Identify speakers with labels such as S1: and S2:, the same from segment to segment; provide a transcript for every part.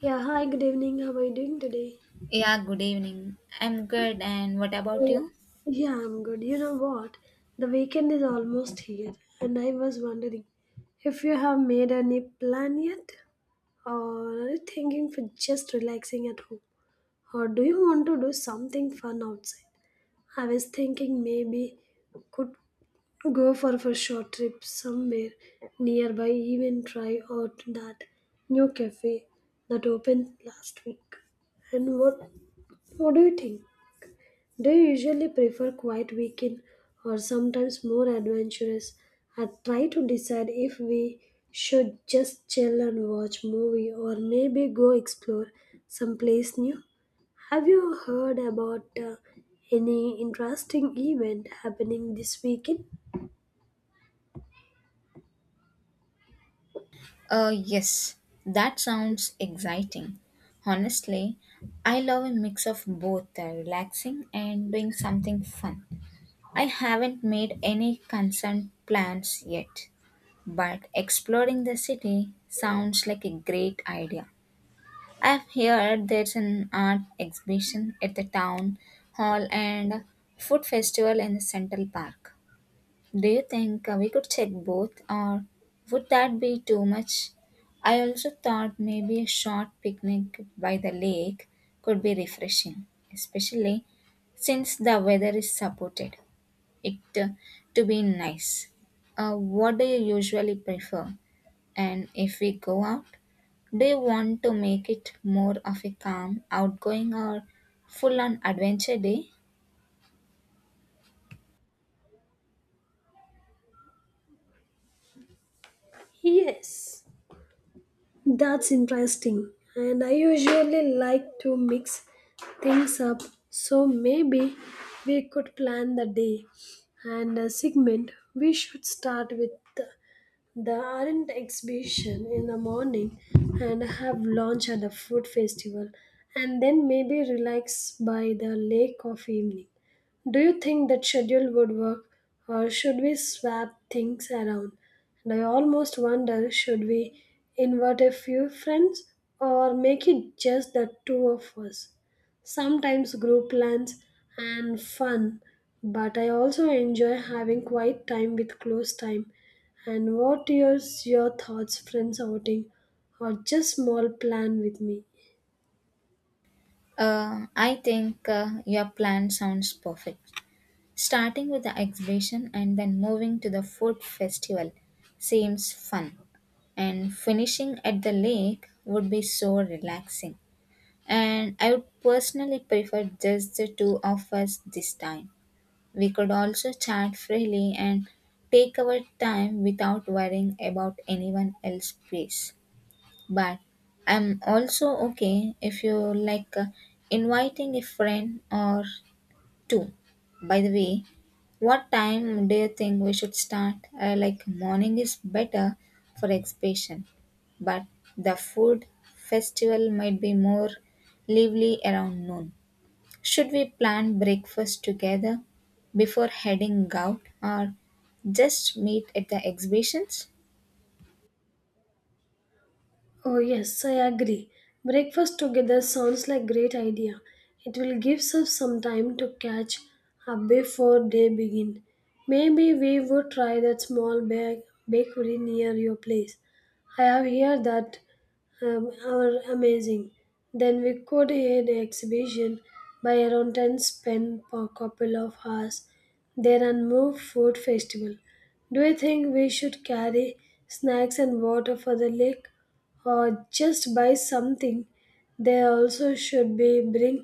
S1: Yeah, hi, good evening. How are you doing today?
S2: Yeah, good evening. I'm good, and what about you?
S1: Yeah, I'm good. You know what? The weekend is almost here, and I was wondering if you have made any plan yet, or are you thinking for just relaxing at home, or do you want to do something fun outside? I was thinking maybe could go for a short trip somewhere nearby, even try out that new cafe that opened last week. And what do you think? Do you usually prefer quiet weekend or sometimes more adventurous? I try to decide if we should just chill and watch movie or maybe go explore someplace new. Have you heard about any interesting event happening this weekend?
S2: Yes, that sounds exciting. Honestly, I love a mix of both relaxing and doing something fun. I haven't made any concerned plans yet, but exploring the city sounds like a great idea. I've heard there's an art exhibition at the town hall and a food festival in the Central Park. Do you think we could check both, or would that be too much? I also thought maybe a short picnic by the lake could be refreshing, especially since the weather is supported. It to be nice. What do you usually prefer? And if we go out, do you want to make it more of a calm, outgoing, or full on adventure day?
S1: Yes. That's interesting. And I usually like to mix things up. So maybe we could plan the day and a segment. We should start with the art exhibition in the morning and have lunch at the food festival and then maybe relax by the lake of evening. Do you think that schedule would work or should we swap things around? And I almost wonder should we invite a few friends or make it just the two of us? Sometimes group plans and fun, but I also enjoy having quiet time with close time and what yours your thoughts friends outing or just small plan with me?
S2: I think your plan sounds perfect. Starting with the exhibition and then moving to the food festival seems fun, and finishing at the lake would be so relaxing. And I would personally prefer just the two of us this time. We could also chat freely and take our time without worrying about anyone else's pace. But I'm also okay if you like inviting a friend or Two. By the way, what time do you think we should start? Like morning is better for exhibition, but the food festival might be more lively around noon. Should we plan breakfast together before heading out or just meet at the exhibitions?
S1: Oh, yes, I agree. Breakfast together sounds like great idea. It will give us some time to catch up before they begin. Maybe we would try that small bakery near your place. I have heard that are amazing. Then we could head the exhibition by around 10 spend per couple of hours there and move food festival. Do you think we should carry snacks and water for the lake? Or just buy something, they also should be bring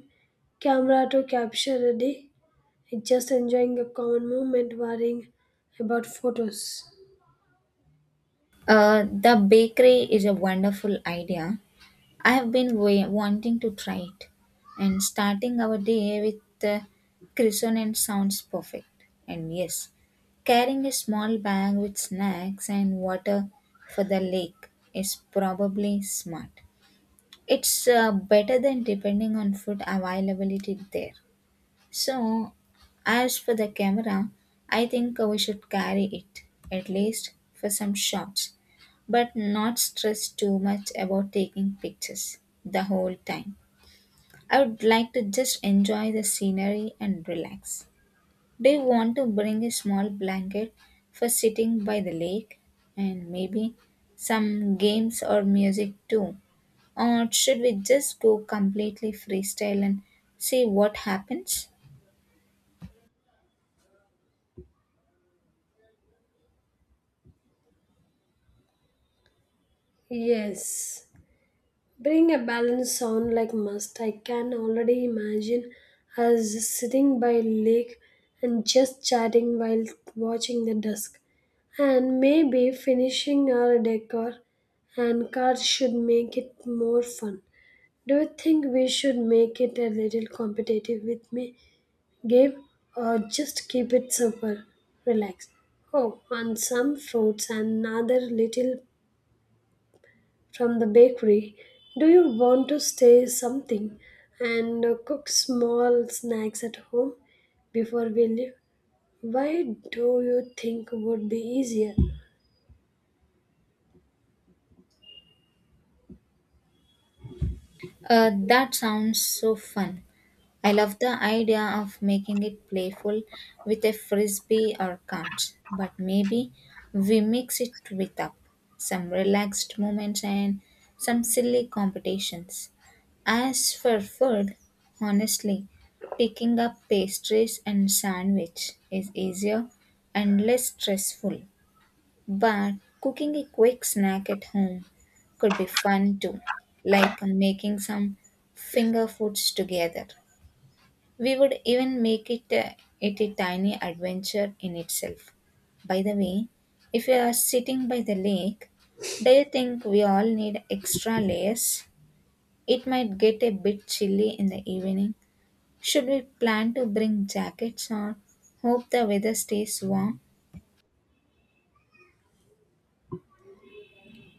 S1: camera to capture a day. Just enjoying a common moment worrying about photos.
S2: The bakery is a wonderful idea. I have been wanting to try it, and starting our day with the croissant sounds perfect. And yes, carrying a small bag with snacks and water for the lake is probably smart. It's better than depending on food availability there. So, as for the camera, I think we should carry it, at least for some shots, but not stress too much about taking pictures the whole time. I would like to just enjoy the scenery and relax. Do you want to bring a small blanket for sitting by the lake and maybe some games or music too? Or should we just go completely freestyle and see what happens?
S1: Yes. Bring a balanced sound like must. I can already imagine us sitting by lake and just chatting while watching the dusk. And maybe finishing our decor and cards should make it more fun. Do you think we should make it a little competitive with me game or just keep it simple, relaxed? Oh, and some fruits and another little from the bakery. Do you want to stay something and cook small snacks at home before we leave? Why do you think would be easier?
S2: That sounds so fun. I love the idea of making it playful with a frisbee or cards, but maybe we mix it with up some relaxed moments and some silly competitions. As for food, honestly, picking up pastries and sandwich is easier and less stressful. But cooking a quick snack at home could be fun too, like making some finger foods together. We would even make it it a tiny adventure in itself. By the way, if we are sitting by the lake, do you think we all need extra layers? It might get a bit chilly in the evening. Should we plan to bring jackets or hope the weather stays warm?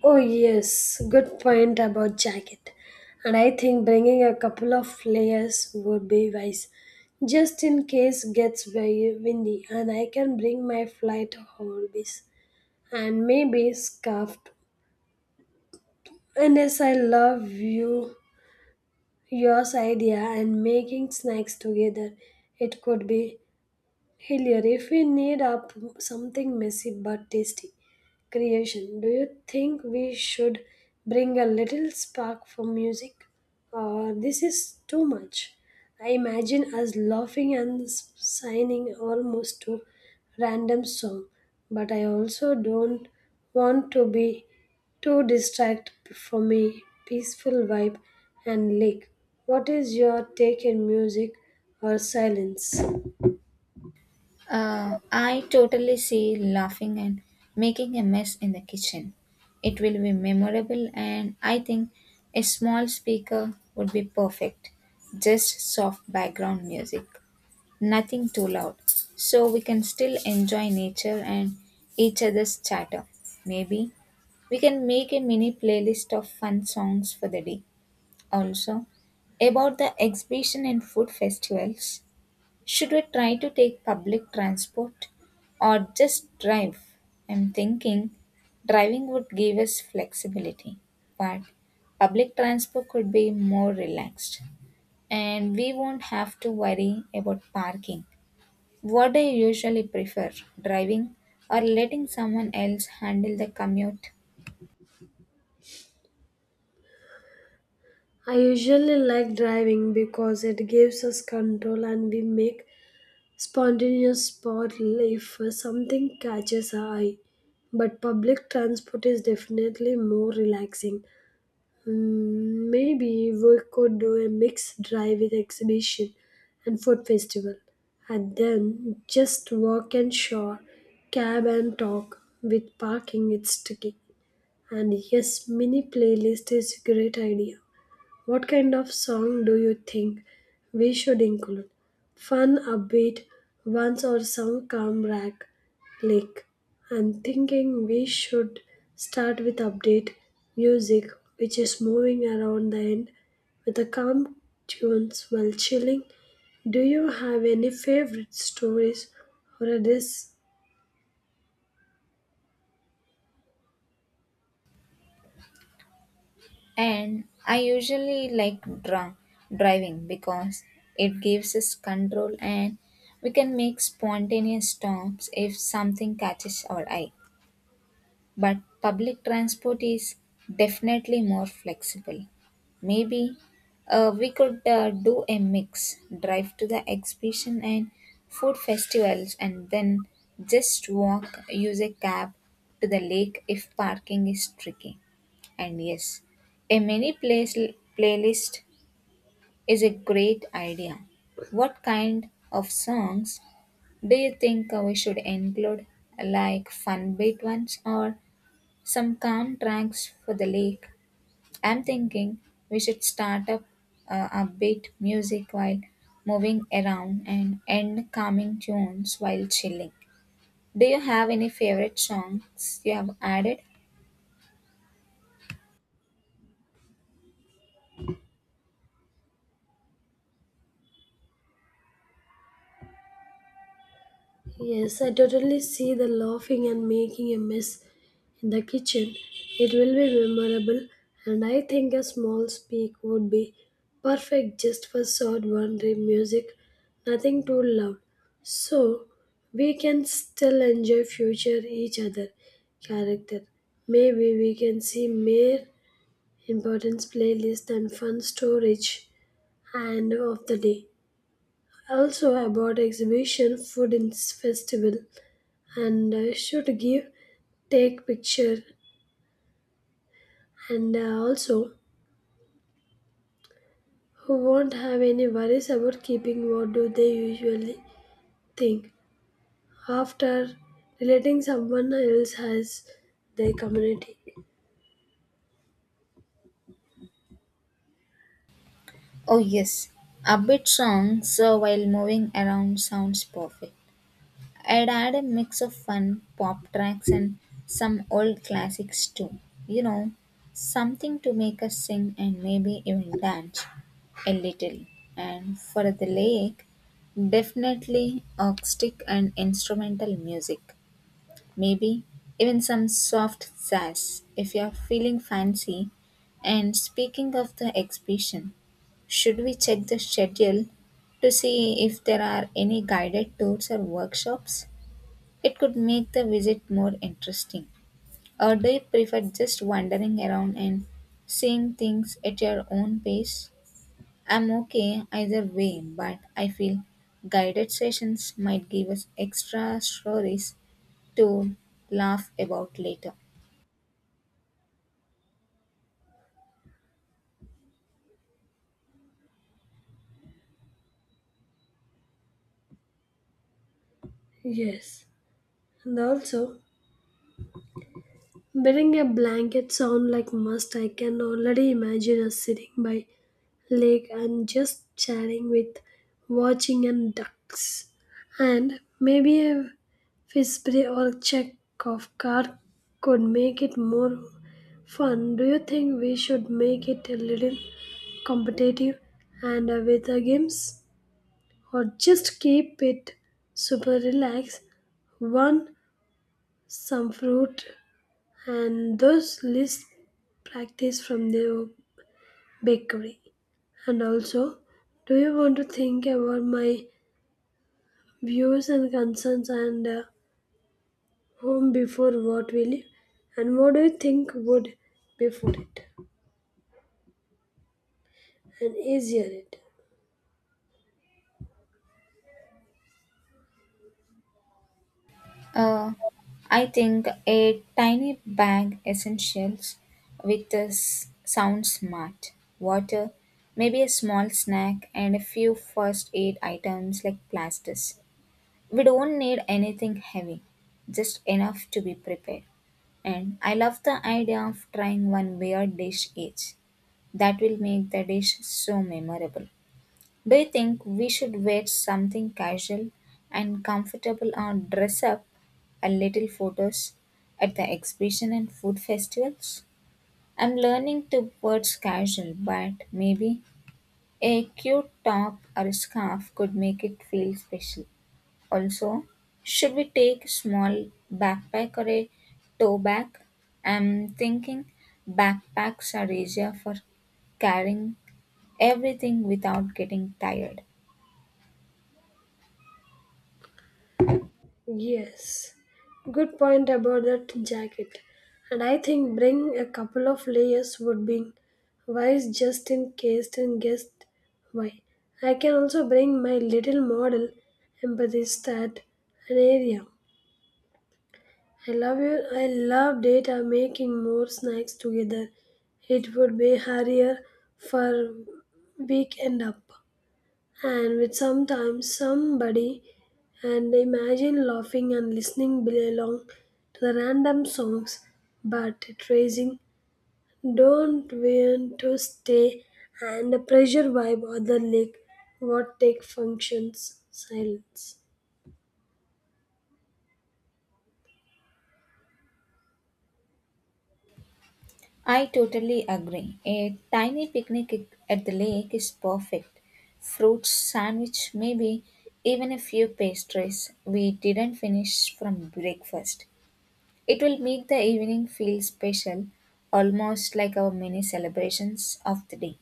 S1: Oh, yes, good point about jacket. And I think bringing a couple of layers would be wise, just in case gets very windy. And I can bring my flight hobbies and maybe scarf. And yes, I love you, yours idea and making snacks together. It could be Hillier, if we need up something messy but tasty creation, do you think we should bring a little spark for music? Or this is too much. I imagine us laughing and signing almost to random song, but I also don't want to be too distract for me peaceful vibe and lick. What is your take in music or silence?
S2: I totally see laughing and making a mess in the kitchen. It will be memorable, and I think a small speaker would be perfect. Just soft background music, nothing too loud, so we can still enjoy nature and each other's chatter. Maybe we can make a mini playlist of fun songs for the day. Also, about the exhibition and food festivals. Should we try to take public transport or just drive? I'm thinking driving would give us flexibility, but public transport could be more relaxed and we won't have to worry about parking. What do you usually prefer, driving or letting someone else handle the commute?
S1: I usually like driving because it gives us control and we make spontaneous spot if something catches our eye. But public transport is definitely more relaxing. Mm, maybe we could do a mixed drive with exhibition and food festival, and then just walk and shore, cab and talk. With parking, it's tricky. And yes, mini playlist is a great idea. What kind of song do you think we should include? Fun, upbeat, ones or some calm rack lick? I'm thinking we should start with update music, which is moving around the end with a calm tunes while chilling. Do you have any favorite stories or a dis.
S2: And I usually like drunk driving because it gives us control and we can make spontaneous stops if something catches our eye. But public transport is definitely more flexible. Maybe we could do a mix drive to the exhibition and food festivals, and then just walk, use a cab to the lake if parking is tricky. And yes, a mini place, playlist is a great idea. What kind of songs do you think we should include? Like fun beat ones or some calm tracks for the lake. I'm thinking we should start up upbeat music while moving around and end calming tunes while chilling. Do you have any favorite songs you have added?
S1: Yes, I totally see the laughing and making a mess in the kitchen. It will be memorable, and I think a small speak would be perfect just for short wandering music, nothing too loud. So we can still enjoy future each other character. Maybe we can see mere importance playlist and fun storage and of the day. Also about exhibition food in festival and should give take picture and also who won't have any worries about keeping what do they usually think after relating someone else has their community.
S2: Oh, yes. Upbeat songs so while moving around sounds perfect. I'd add a mix of fun pop tracks and some old classics too. You know, something to make us sing and maybe even dance. A little. And for the lake, definitely acoustic and instrumental music. Maybe even some soft jazz if you're feeling fancy. And speaking of the exhibition, should we check the schedule to see if there are any guided tours or workshops? It could make the visit more interesting. Or do you prefer just wandering around and seeing things at your own pace? I'm okay either way, but I feel guided sessions might give us extra stories to laugh about later.
S1: Yes, and also wearing a blanket sound like must. I can already imagine us sitting by lake and just chatting with watching and ducks and maybe a fish or a check of card could make it more fun. Do you think we should make it a little competitive and with the games or just keep it super relaxed one some fruit and those list practice from the bakery. And also, do you want to think about my views and concerns and home before what we live? And what do you think would before it? And easier it?
S2: Uh, I think a tiny bag essentials with us sounds smart. Water, maybe a small snack, and a few first aid items like plasters. We don't need anything heavy, just enough to be prepared. And I love the idea of trying one weird dish each. That will make the dish so memorable. Do you think we should wear something casual and comfortable or dress up a little photos at the exhibition and food festivals? I'm learning towards casual, but maybe a cute top or scarf could make it feel special. Also, should we take small backpack or a tote bag? I'm thinking backpacks are easier for carrying everything without getting tired.
S1: Yes. Good point about that jacket. And I think bring a couple of layers would be wise just in case and guess why. I can also bring my little model empathy stat an area. I love you. I love data making more snacks together. It would be harder for weekend up. And with sometimes somebody and imagine laughing and listening belong to the random songs but tracing don't want to stay and the pressure vibe or the lick what take functions silence
S2: I totally agree. A tiny picnic at the lake is perfect. Fruit sandwich, maybe even a few pastries we didn't finish from breakfast. It will make the evening feel special, almost like our mini celebrations of the day.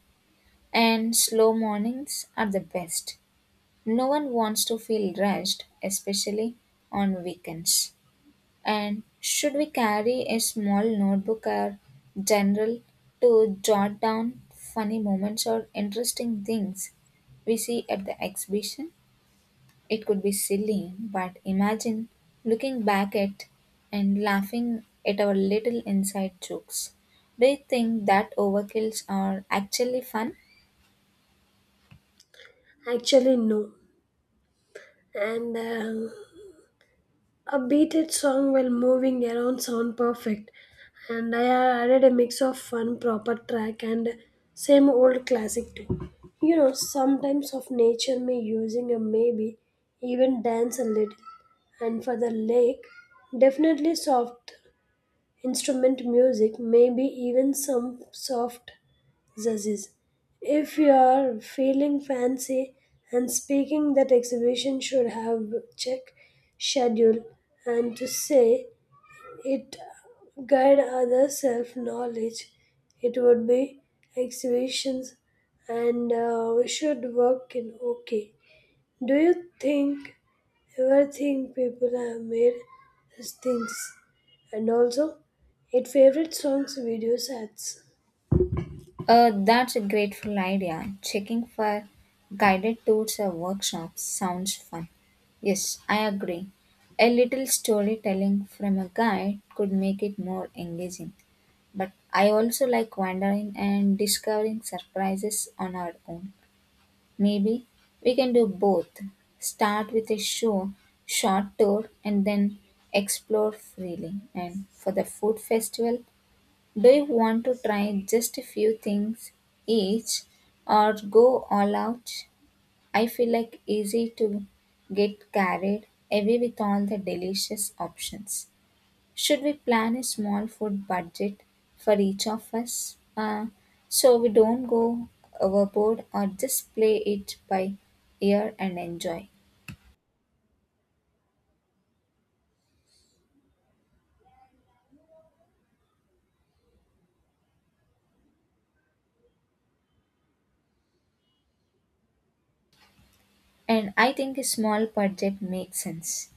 S2: And slow mornings are the best. No one wants to feel rushed, especially on weekends. And should we carry a small notebook or journal to jot down funny moments or interesting things we see at the exhibition? It could be silly, but imagine looking back at and laughing at our little inside jokes. Do you think that overkills are actually fun?
S1: actually no and a beated song while moving around sound perfect, and I added a mix of fun, proper track, and same old classic too. You know, sometimes of nature me using a maybe, even dance a little, and for the lake, definitely soft instrument music, maybe even some soft Zazis. If you are feeling fancy and speaking, that exhibition should have check schedule and to say it guide other self knowledge. It would be exhibitions and we should work in okay. Do you think ever think people have made these things? And also, it favorite songs, video sets.
S2: That's a grateful idea. Checking for guided tours or workshops sounds fun. Yes, I agree. A little storytelling from a guide could make it more engaging. But I also like wandering and discovering surprises on our own. Maybe we can do both. Start with a show, short tour and then explore freely. And for the food festival, do you want to try just a few things each or go all out? I feel like easy to get carried away with all the delicious options. Should we plan a small food budget for each of us so we don't go overboard or just play it by ear and enjoy? And I think a small budget makes sense.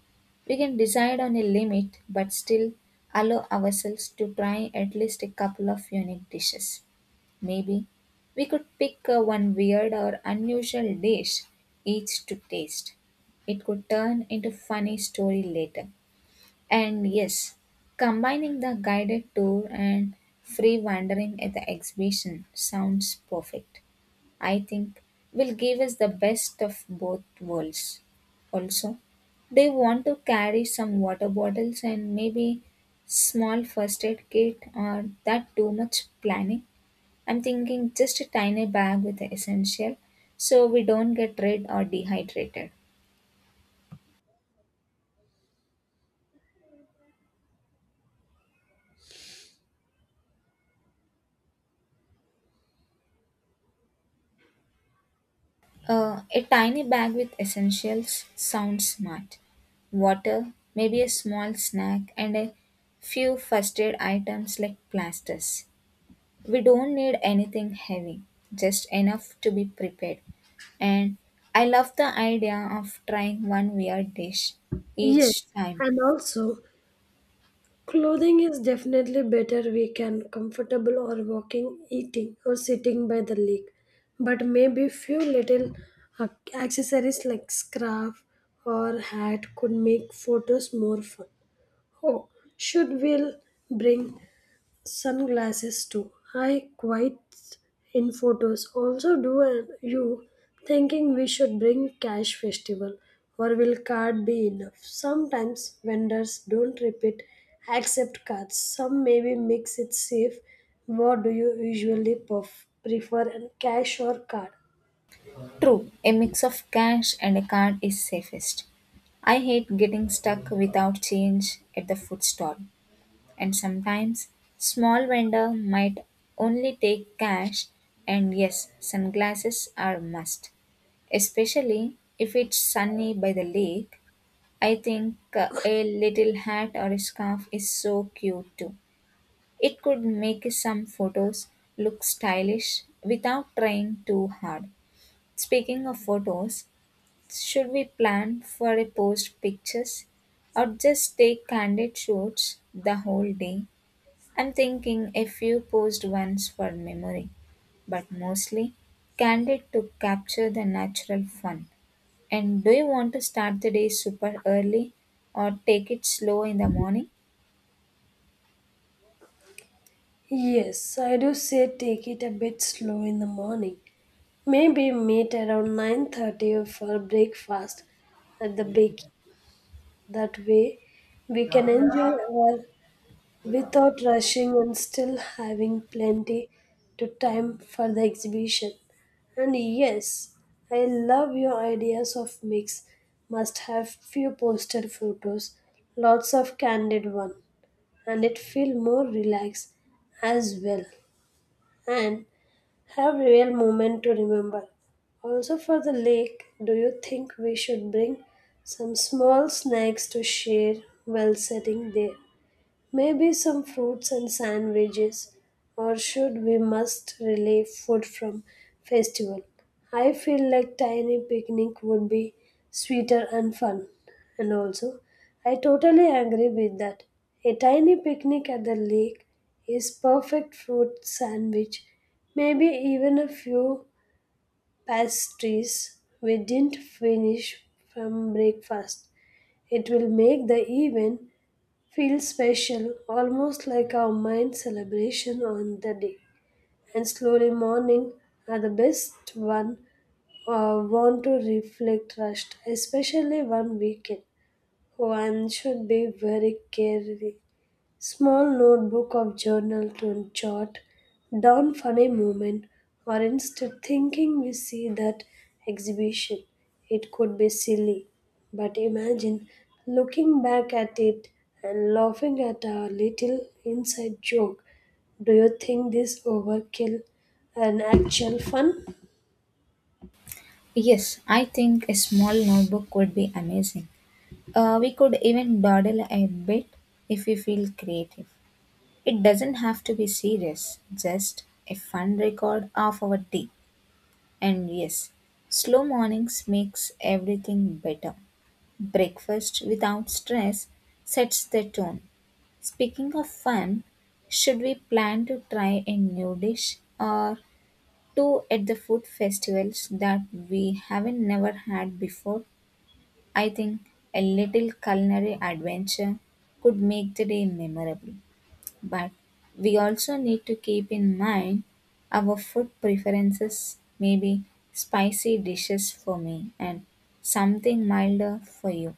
S2: We can decide on a limit but still allow ourselves to try at least a couple of unique dishes. Maybe we could pick one weird or unusual dish each to taste. It could turn into funny story later. And yes, combining the guided tour and free wandering at the exhibition sounds perfect. I think, will give us the best of both worlds. Also, they want to carry some water bottles and maybe small first aid kit or that too much planning. I'm thinking just a tiny bag with the essential so we don't get red or dehydrated. A tiny bag with essentials sounds smart. Water, maybe a small snack, and a few first aid items like plasters. We don't need anything heavy, just enough to be prepared. And I love the idea of trying one weird dish each
S1: Yes,
S2: time.
S1: and also clothing is definitely better we can comfortable or walking, eating or sitting by the lake. But maybe few little uh, accessories like scarf or hat could make photos more fun. Oh, should we bring sunglasses too. I quite in photos. Also, do you thinking we should bring cash festival or will card be enough? Sometimes vendors don't repeat accept cards. Some maybe mix it safe. What do you usually prefer, and cash or card?
S2: True, a mix of cash and a card is safest. I hate getting stuck without change at the food stall. And sometimes small vendor might only take cash and yes, sunglasses are a must, especially if it's sunny by the lake I think a little hat or a scarf is so cute too. It could make some photos look stylish without trying too hard. Speaking of photos, should we plan for a post pictures or just take candid shots the whole day? I'm thinking a few posed ones for memory, but mostly candid to capture the natural fun. And do you want to start the day super early or take it slow in the morning?
S1: Yes, I do say take it a bit slow in the morning. Maybe meet around 9:30 for breakfast at the big. That way, we can enjoy our without rushing and still having plenty to time for the exhibition. And yes, I love your ideas of mix. Must have few posted photos, lots of candid one, and it feel more relaxed as well. And have real moment to remember. Also for the lake, do you think we should bring some small snacks to share while sitting there? Maybe some fruits and sandwiches, or should we must relieve food from festival? I feel like tiny picnic would be sweeter and fun. And also, I totally agree with that. A tiny picnic at the lake is perfect fruit sandwich. Maybe even a few pastries we didn't finish from breakfast. It will make the event feels special, almost like our mind celebration on the day. And slowly morning are the best one want to reflect rushed, especially one weekend. One should be very careful small notebook of journal to jot down funny moment or instead thinking we see that exhibition. It could be silly, but imagine looking back at it and laughing at our little inside joke. Do you think this overkill an actual fun?
S2: Yes, I think a small notebook would be amazing. We could even dawdle a bit if we feel creative. It doesn't have to be serious, just a fun record of our day. And yes, slow mornings makes everything better. Breakfast without stress sets the tone. Speaking of fun, should we plan to try a new dish or two at the food festivals that we haven't never had before? I think a little culinary adventure could make the day memorable. But we also need to keep in mind our food preferences, maybe spicy dishes for me and something milder for you.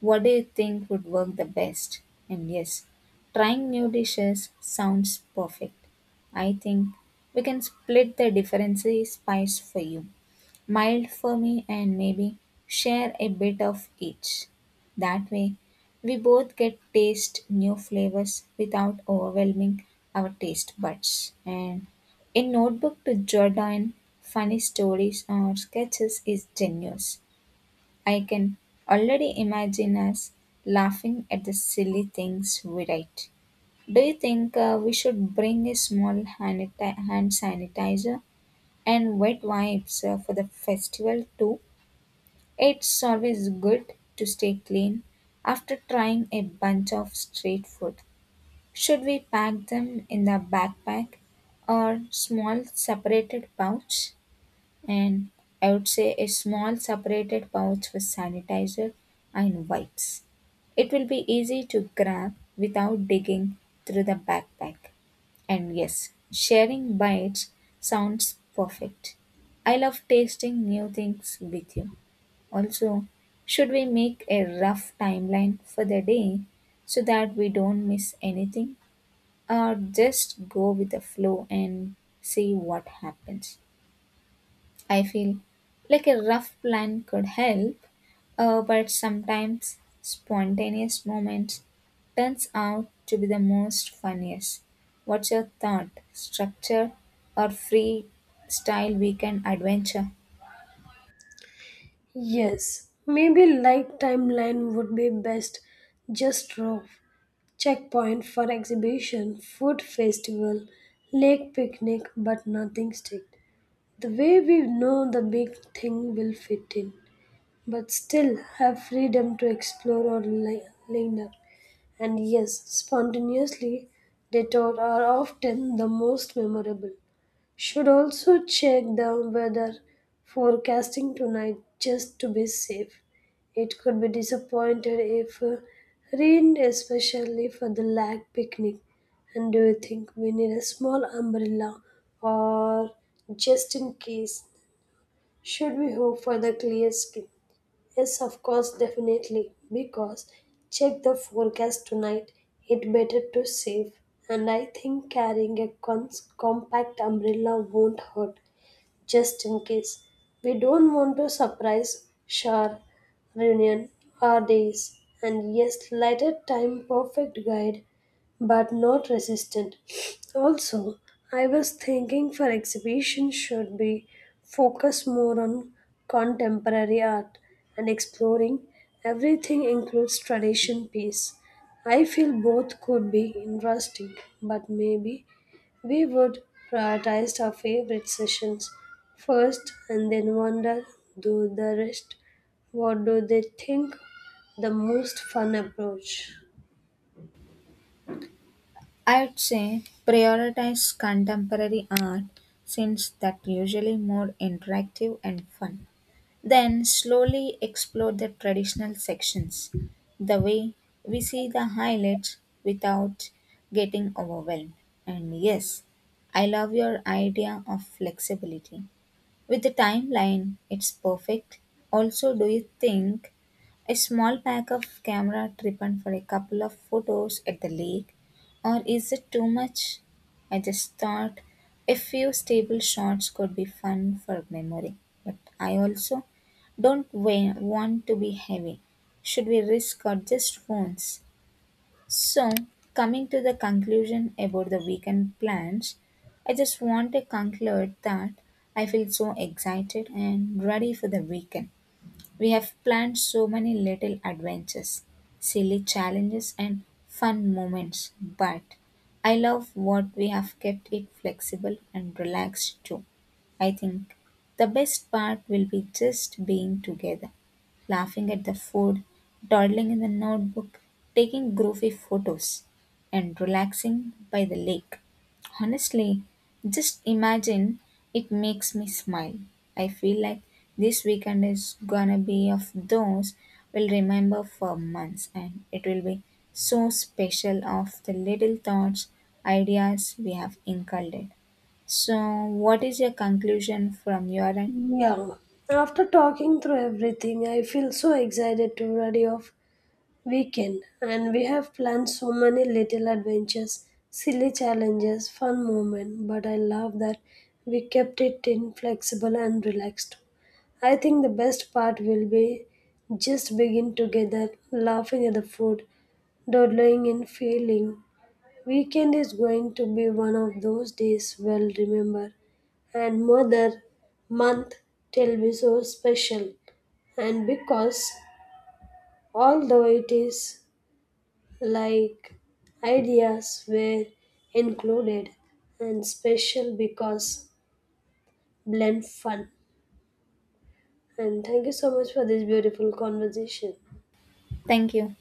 S2: What do you think would work the best? And yes, trying new dishes sounds perfect. I think we can split the differences spice for you, mild for me, and maybe share a bit of each. That way, we both get taste new flavors without overwhelming our taste buds. And a notebook to jot down funny stories or sketches is genius. I can already imagine us laughing at the silly things we write. Do you think we should bring a small hand sanitizer and wet wipes for the festival too? It's always good to stay clean after trying a bunch of street food. Should we pack them in the backpack or small separated pouch? And I would say a small separated pouch with sanitizer and wipes. It will be easy to grab without digging through the backpack. And yes, sharing bites sounds perfect. I love tasting new things with you. Also, should we make a rough timeline for the day so that we don't miss anything? Or just go with the flow and see what happens? I feel like a rough plan could help, but sometimes spontaneous moments turns out to be the most funniest. What's your thought? Structure or free style weekend adventure?
S1: Yes, maybe light timeline would be best. Just rough. Checkpoint for exhibition, food festival, lake picnic, but nothing strict. The way we know the big thing will fit in, but still have freedom to explore or linger. And yes, spontaneously, detour are often the most memorable. Should also check the weather forecasting tonight just to be safe. It could be disappointed if rained, especially for the lake picnic. And do you think we need a small umbrella or just in case? Should we hope for the clear sky? Yes, of course, definitely. Because check the forecast tonight. It better to save. And I think carrying a compact umbrella won't hurt just in case. We don't want to surprise Shar, reunion, our days, and yes, lighter time perfect guide, but not resistant. Also, I was thinking for exhibition should be focus more on contemporary art and exploring everything includes tradition piece. I feel both could be interesting, but maybe we would prioritize our favorite sessions first and then wonder do the rest what do they think the most fun approach.
S2: I would say prioritize contemporary art since that usually more interactive and fun. Then slowly explore the traditional sections. The way we see the highlights without getting overwhelmed. And yes, I love your idea of flexibility. With the timeline, it's perfect. Also, do you think a small pack of camera tripping for a couple of photos at the lake, or is it too much? I just thought a few stable shots could be fun for memory, but I also don't want to be heavy. Should we risk or just phones? So, coming to the conclusion about the weekend plans, I just want to conclude that I feel so excited and ready for the weekend. We have planned so many little adventures, silly challenges, and fun moments, but I love what we have kept it flexible and relaxed too. I think the best part will be just being together, laughing at the food, dawdling in the notebook, taking goofy photos, and relaxing by the lake. Honestly, just imagine, it makes me smile. I feel like this weekend is gonna be of those we'll remember for months and it will be so special of the little thoughts, ideas we have inculcated. So, what is your conclusion from your end?
S1: Yeah. After talking through everything, I feel so excited to ready off weekend and we have planned so many little adventures, silly challenges, fun moments, but I love that we kept it in flexible and relaxed. I think the best part will be just begin together, laughing at the food, dawdling in feeling. Weekend is going to be one of those days we'll remember and mother month till be so special and because although it is like ideas were included and special because blend fun and thank you so much for this beautiful conversation.
S2: Thank you.